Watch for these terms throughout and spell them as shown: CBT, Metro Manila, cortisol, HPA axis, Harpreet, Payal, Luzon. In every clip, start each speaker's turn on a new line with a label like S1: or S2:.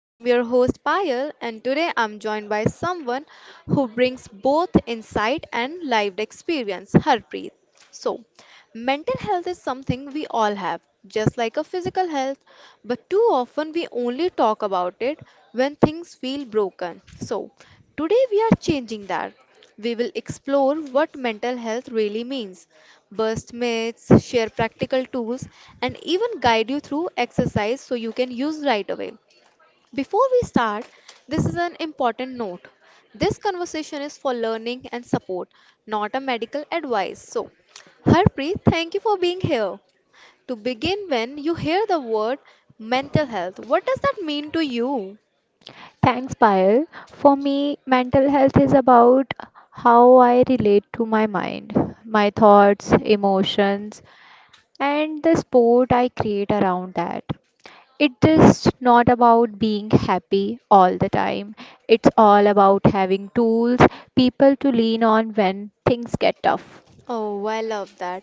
S1: I am your host Payal and today I'm joined by someone who brings both insight and lived experience, Harpreet. So, mental health is something we all have, just like a physical health, but too often we only talk about it when things feel broken. Today we are changing that. We will explore what mental health really means, burst myths, share practical tools, and even guide you through exercise so you can use right away. Before we start, this is an important note. This conversation is for learning and support, not a medical advice. So, Harpreet, thank you for being here. To begin, when you hear the word mental health, what does that mean to you?
S2: Thanks, Payal. For me, mental health is about how I relate to my mind, my thoughts, emotions, and the sport I create around that. It's just not about being happy all the time. It's all about having tools, people to lean on when things get tough.
S1: Oh, I love that.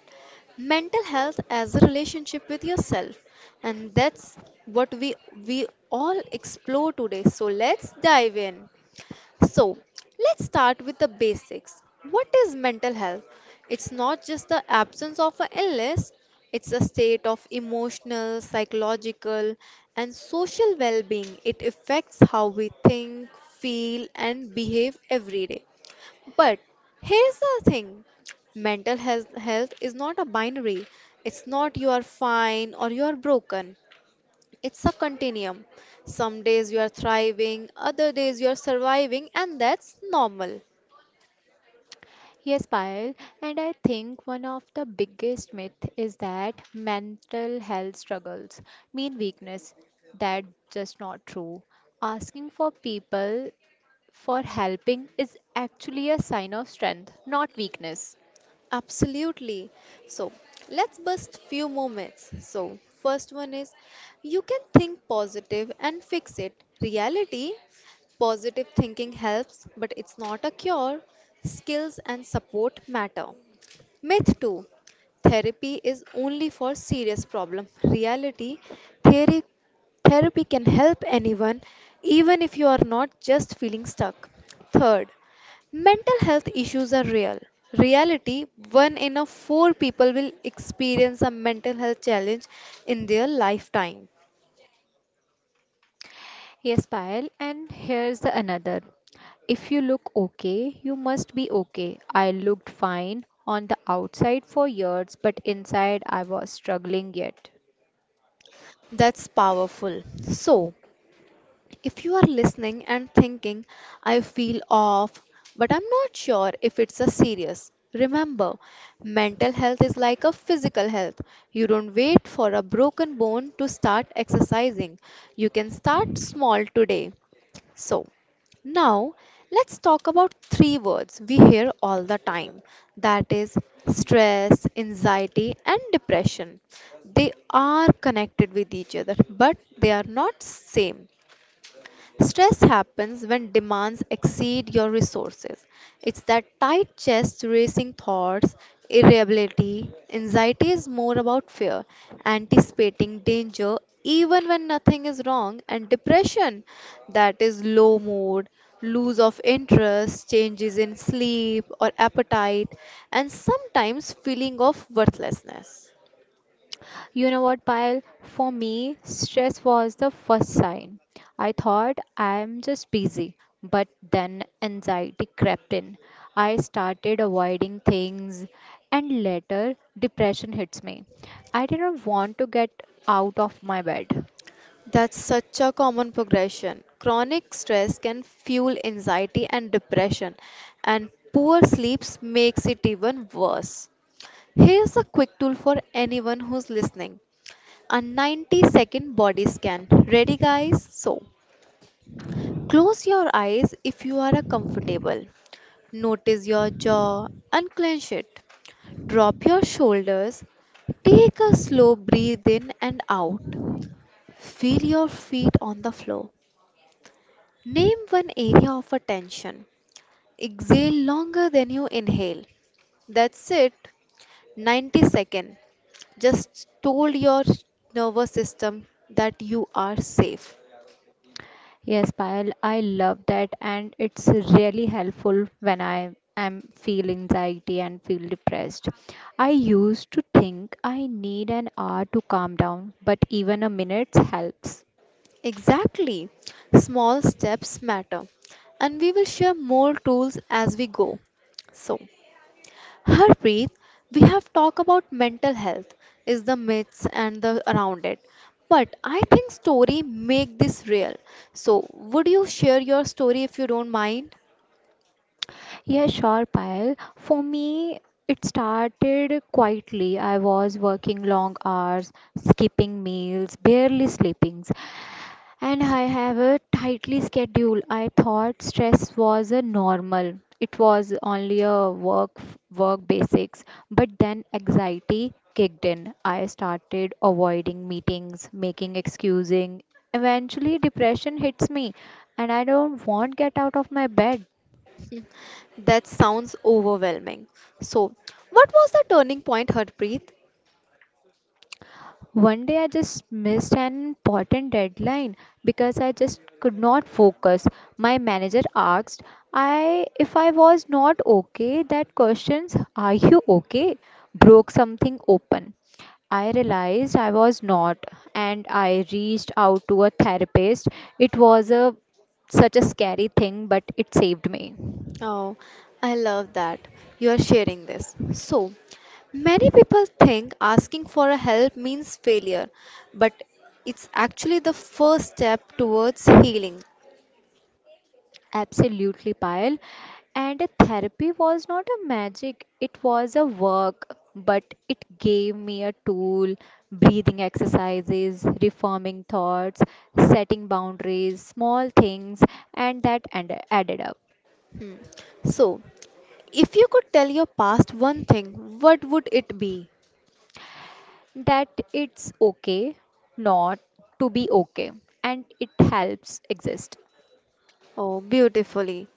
S1: Mental health as a relationship with yourself. And that's what we all explore today. So, let's dive in. So, let's start with the basics. What is mental health? It's not just the absence of an illness, it's a state of emotional, psychological, and social well being. It affects how we think, feel, and behave every day. But here's the thing mental health is not a binary, it's not you are fine or you are broken. It's a continuum. Some days you are thriving, other days you are surviving, and that's normal.
S2: Yes, Payal, and I think one of the biggest myth is that mental health struggles mean weakness. That's just not true. Asking for people for helping is actually a sign of strength, not weakness.
S1: Absolutely. So, let's bust few moments. So, first one is you can think positive and fix it. Reality, positive thinking helps, but it's not a cure. Skills and support matter. Myth 2, therapy is only for serious problem. Reality theory, therapy can help anyone, even if you are not just feeling stuck. Third, mental health issues are real. Reality one in a four people will experience a mental health challenge in their lifetime.
S2: Yes, Payal, and here's the another. If you look okay, you must be okay. I looked fine on the outside for years, but inside I was struggling yet.
S1: That's powerful. So, if you are listening and thinking, I feel off, but I'm not sure if it's a serious, remember, mental health is like a physical health. You don't wait for a broken bone to start exercising. You can start small today. So, now let's talk about three words we hear all the time, that is, stress, anxiety, and depression. They are connected with each other, but they are not same. Stress happens when demands exceed your resources. It's that tight chest, racing thoughts, irritability. Anxiety is more about fear, anticipating danger even when nothing is wrong, and depression that is low mood, lose of interest, changes in sleep or appetite, and sometimes feeling of worthlessness.
S2: You know what, Payal? For me, stress was the first sign. I thought I'm just busy, but then anxiety crept in. I started avoiding things, and later, depression hits me. I didn't want to get out of my bed.
S1: That's such a common progression. Chronic stress can fuel anxiety and depression, and poor sleep makes it even worse. Here's a quick tool for anyone who's listening, a 90-second body scan. Ready, guys? So, close your eyes if you are comfortable. Notice your jaw, unclench it, drop your shoulders, take a slow breathe in and out. Feel your feet on the floor. Name one area of attention. Exhale longer than you inhale. That's it. 90 second. Just told your nervous system that you are safe.
S2: Yes, Payal, I love that, and it's really helpful when I am feel anxiety and feel depressed. I used to think I need an hour to calm down, but even a minute helps.
S1: Exactly. Small steps matter. And we will share more tools as we go. So, Harpreet, we have talked about mental health, is the myths and the around it. But I think story make this real. So would you share your story if you don't mind?
S2: Yeah, sure, Payal. For me, it started quietly. I was working long hours, skipping meals, barely sleeping. And I have a tightly schedule. I thought stress was a normal. It was only a work basics. But then anxiety kicked in. I started avoiding meetings, making excusing. Eventually depression hits me and I don't want get out of my bed.
S1: Hmm. That sounds overwhelming. So what was the turning point, Harpreet?
S2: One day I just missed an important deadline because I just could not focus. My manager asked I if I was not okay, that questions are you okay broke something open. I realized I was not and I reached out to a therapist. It was a such a scary thing but it saved me.
S1: Oh, I love that you are sharing this. So, many people think asking for a help means failure, but it's actually the first step towards healing.
S2: Absolutely, Payal. And therapy was not a magic, it was a work, but it gave me a tool, breathing exercises, reforming thoughts, setting boundaries, small things, and that and added up.
S1: Hmm. So, if you could tell your past one thing, what would it be?
S2: That it's okay not to be okay, and it helps exist.
S1: Oh, beautifully.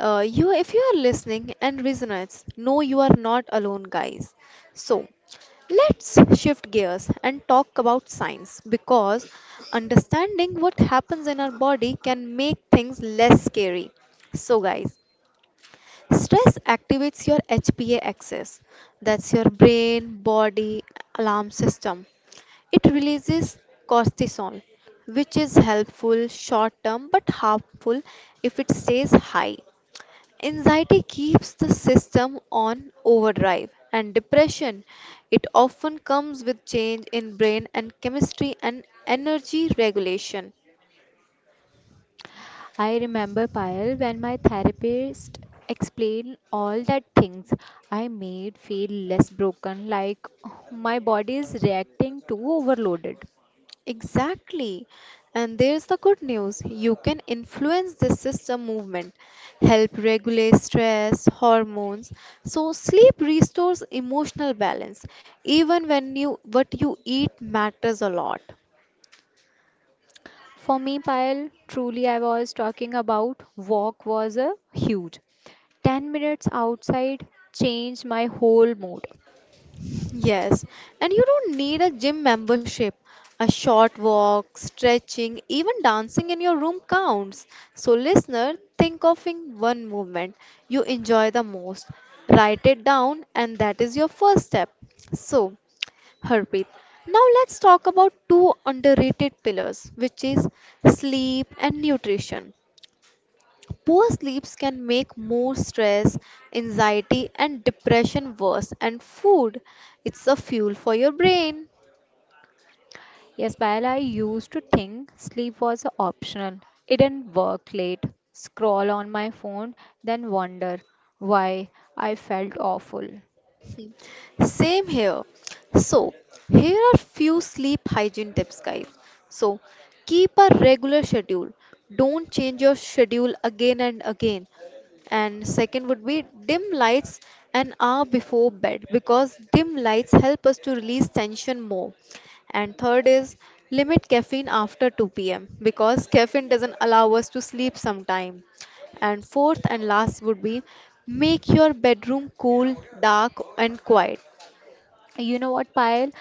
S1: You, if you are listening and resonates, no, you are not alone, guys. So, let's shift gears and talk about science because understanding what happens in our body can make things less scary. So, guys, stress activates your HPA axis. That's your brain body alarm system. It releases cortisol, which is helpful short term but harmful if it stays high. Anxiety keeps the system on overdrive, and depression it often comes with change in brain and chemistry and energy regulation.
S2: I remember, Payal, when my therapist explained all that things, I made feel less broken, like my body is reacting too overloaded.
S1: Exactly. And there's the good news. You can influence this system movement, help regulate stress, hormones. So sleep restores emotional balance. Even when you what you eat matters a lot.
S2: For me, Payal, truly I was talking about walk was a huge. 10 minutes outside changed my whole mood.
S1: Yes, and you don't need a gym membership. A short walk, stretching, even dancing in your room counts. So, listener, think of in one movement you enjoy the most. Write it down, and that is your first step. So, Harpreet, now let's talk about two underrated pillars, which is sleep and nutrition. Poor sleeps can make more stress, anxiety, and depression worse, and food, it's a fuel for your brain.
S2: Yes, Payal, I used to think sleep was optional. It didn't work late, scroll on my phone, then wonder why I felt awful.
S1: Same here. So, here are few sleep hygiene tips, guys. So, keep a regular schedule. Don't change your schedule again and again. And second would be dim lights an hour before bed because dim lights help us to release tension more. And third is limit caffeine after 2 p.m. because caffeine doesn't allow us to sleep sometime. And fourth and last would be make your bedroom cool, dark, and quiet.
S2: You know what, Payal?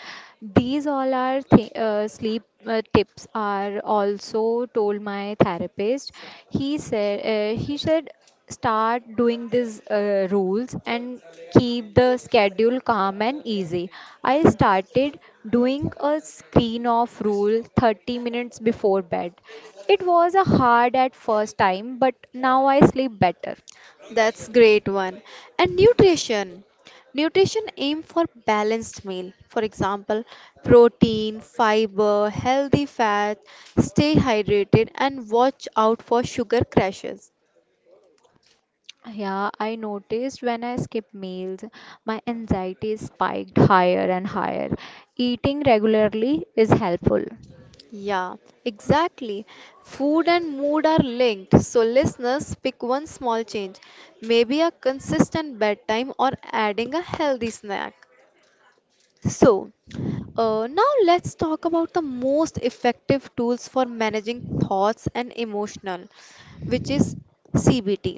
S2: These all are th sleep tips are also told my therapist. He said start doing these rules and keep the schedule calm and easy. I started doing a screen off rule 30 minutes before bed. It was a hard at first time, but now I sleep better.
S1: That's great one. And nutrition. Nutrition aim for balanced meal. For example, protein, fiber, healthy fat, stay hydrated and watch out for sugar crashes.
S2: Yeah, I noticed when I skip meals, my anxiety spiked higher and higher. Eating regularly is helpful.
S1: Yeah, exactly. Food and mood are linked. So listeners pick one small change, maybe a consistent bedtime or adding a healthy snack. So, now let's talk about the most effective tools for managing thoughts and emotional, which is CBT.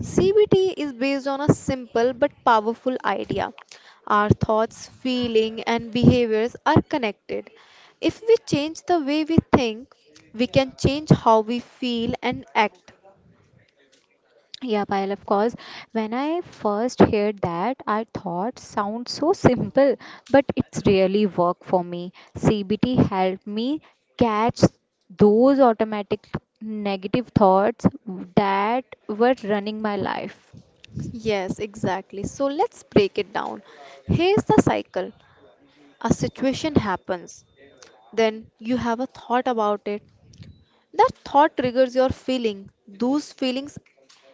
S1: CBT is based on a simple but powerful idea. Our thoughts, feeling and behaviors are connected. If we change the way we think, we can change how we feel and act.
S2: Yeah, Payal, of course. When I first heard that, I thought sounds so simple, but it's really worked for me. CBT helped me catch those automatic negative thoughts that were running my life.
S1: Yes, exactly. So let's break it down. Here's the cycle. A situation happens, then you have a thought about it. That thought triggers your feeling. Those feelings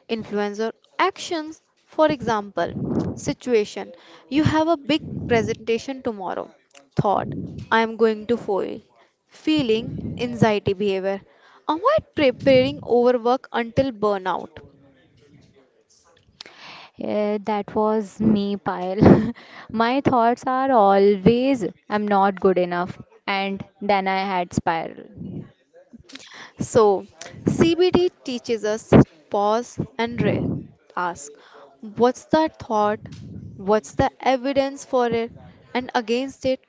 S1: influence your actions. For example, situation. You have a big presentation tomorrow. Thought, I am going to fail. Feeling, anxiety behavior. Avoid preparing overwork until burnout.
S2: Yeah, that was me, Payal. My thoughts are always, I'm not good enough. And then I had spiral.
S1: So, CBD teaches us pause and ask what's the thought, what's the evidence for it, and against it.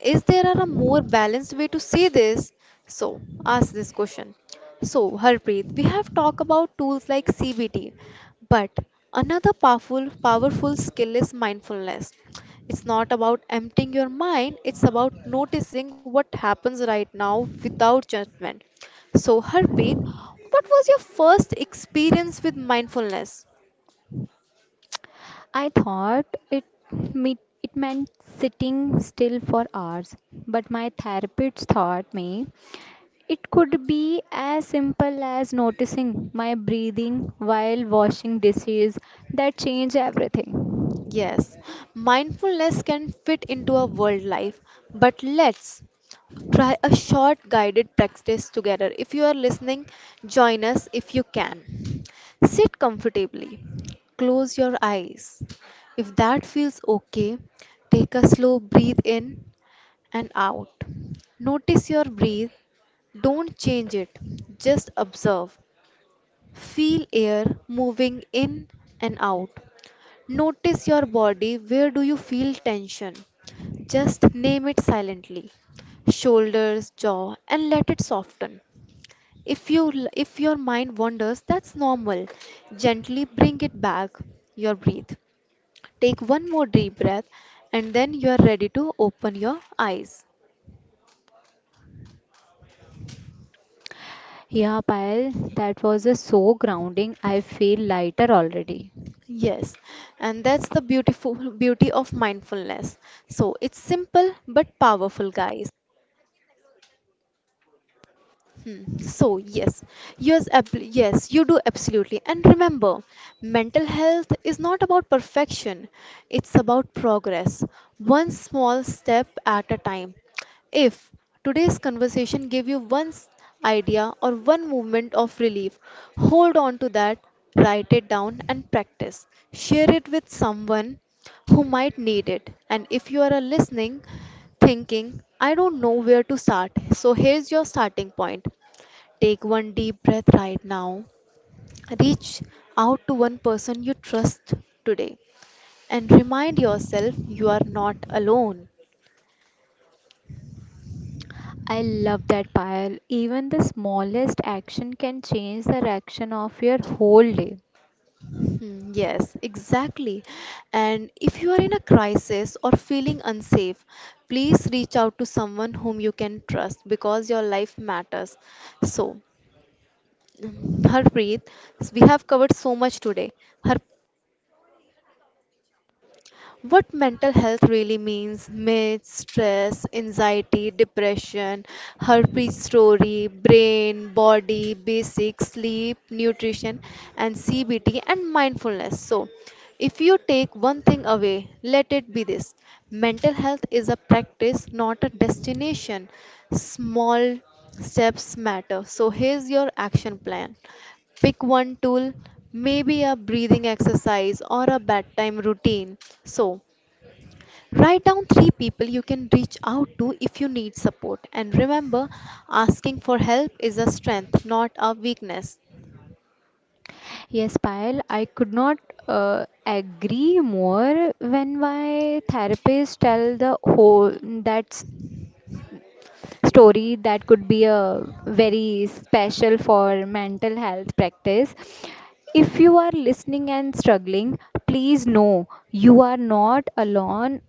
S1: Is there a more balanced way to say this? So, ask this question. So, Harpreet, we have talked about tools like CBT, but another powerful skill is mindfulness. It's not about emptying your mind, it's about noticing what happens right now without judgment. So, Harpreet, what was your first experience with mindfulness?
S2: I thought it me it meant sitting still for hours, but my therapist taught me it could be as simple as noticing my breathing while washing dishes that changed everything.
S1: Yes, mindfulness can fit into our world life, but let's try a short guided practice together. If you are listening, join us if you can. Sit comfortably, close your eyes. If that feels okay, take a slow breathe in and out. Notice your breathe, don't change it, just observe. Feel air moving in and out. Notice your body. Where do you feel tension? Just name it silently. Shoulders, jaw, and let it soften. If you if your mind wanders, that's normal. Gently bring it back. Your breath. Take one more deep breath and then you are ready to open your eyes.
S2: Yeah, Payal, that was a so grounding. I feel lighter already.
S1: Yes, and that's the beautiful beauty of mindfulness. So it's simple but powerful, guys. Hmm. So, yes, yes, ab- yes, you do absolutely. And remember, mental health is not about perfection, it's about progress, one small step at a time. If today's conversation gave you one idea or one movement of relief, hold on to that, write it down, and practice. Share it with someone who might need it. And if you are a listening, thinking, I don't know where to start, so here's your starting point. Take one deep breath right now. Reach out to one person you trust today and remind yourself you are not alone.
S2: I love that pile. Even the smallest action can change the direction of your whole day.
S1: Hmm. Yes, exactly. And if you are in a crisis or feeling unsafe, please reach out to someone whom you can trust because your life matters. So, Harpreet, we have covered so much today. Harpreet, what mental health really means myths, stress, anxiety, depression, herpes story, brain, body, basic sleep, nutrition, and CBT and mindfulness. So, if you take one thing away, let it be this mental health is a practice, not a destination. Small steps matter. So, here's your action plan pick one tool maybe a breathing exercise or a bedtime routine so write down three people you can reach out to if you need support. And remember, asking for help is a strength, not a weakness.
S2: Yes, Payal, I could not agree more when my therapist tell the whole that s- story that could be a very special for mental health practice. If you are listening and struggling, please know you are not alone,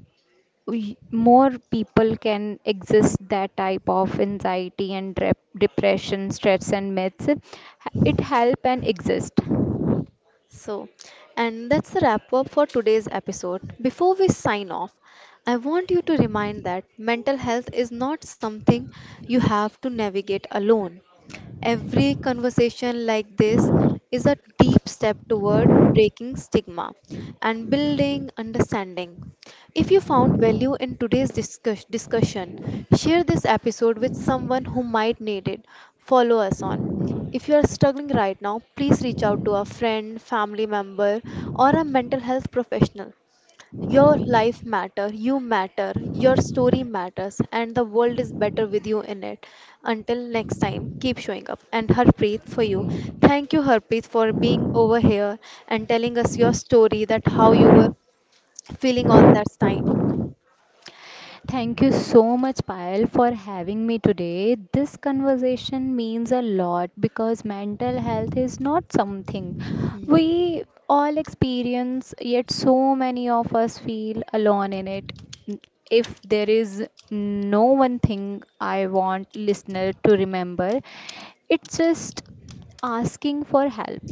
S2: more people can exist that type of anxiety and depression, stress and myths, it help and exist.
S1: So, and that's the wrap up for today's episode. Before we sign off, I want you to remind that mental health is not something you have to navigate alone. Every conversation like this is a deep step toward breaking stigma and building understanding. If you found value in today's discussion, share this episode with someone who might need it. Follow us on. If you are struggling right now, please reach out to a friend, family member, or a mental health professional. Your life matter, you matter, your story matters, and the world is better with you in it. Until next time, keep showing up. And Harpreet, for you, thank you, Harpreet, for being over here and telling us your story that how you were feeling on that time.
S2: Thank you so much, Payal, for having me today. This conversation means a lot because mental health is not something we all experience, yet, so many of us feel alone in it. If there is no one thing I want listener to remember, it's just asking for help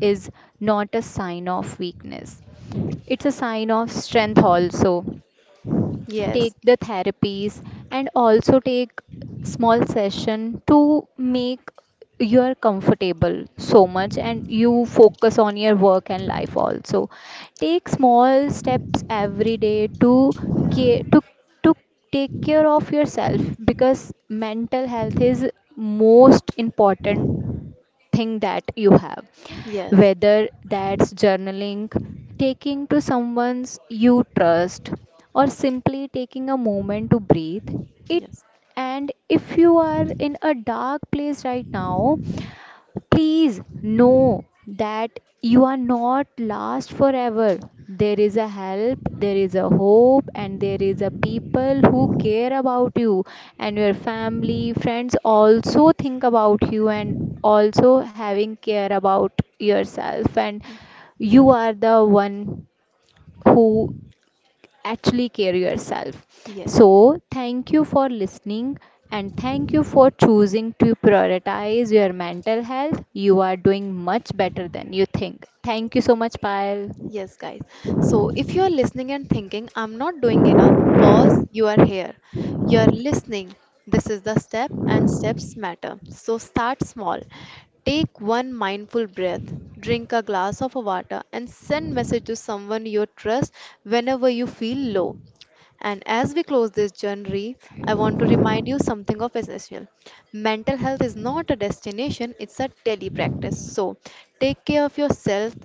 S2: is not a sign of weakness. It's a sign of strength also. Take
S1: Yes,
S2: the therapies and also take small session to make you are comfortable so much and you focus on your work and life also. Take small steps every day to care, to take care of yourself because mental health is most important thing that you have,
S1: yes,
S2: whether that's journaling, taking to someone's you trust, or simply taking a moment to breathe it.
S1: yes,
S2: And if you are in a dark place right now, please know that you are not lost forever. There is a help, there is a hope, and there is a people who care about you, and your family, friends also think about you, and also having care about yourself. And you are the one who actually care yourself.
S1: yes.
S2: So, thank you for listening and thank you for choosing to prioritize your mental health. You are doing much better than you think. Thank you so much, Payal.
S1: Yes, guys. So if you are listening and thinking, I'm not doing enough, pause, you are here. You are listening. This is the step, and steps matter. So start small. Take one mindful breath, drink a glass of water, and send message to someone you trust whenever you feel low. And as we close this journey, I want to remind you something of essential. Mental health is not a destination, it's a daily practice. So take care of yourself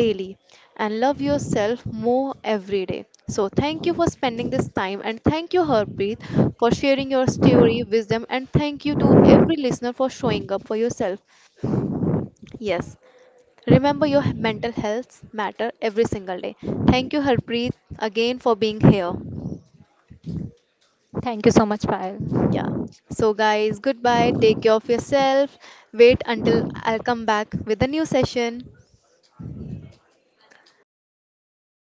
S1: daily and love yourself more every day. So, thank you for spending this time, and thank you, Harpreet, for sharing your story, wisdom, and thank you to every listener for showing up for yourself. Yes, remember your mental health matter every single day. Thank you, Harpreet, again for being here.
S2: Thank you so much,
S1: Yeah.
S2: Payal.
S1: So, guys, goodbye. Take care of yourself. Wait until I'll come back with a new session.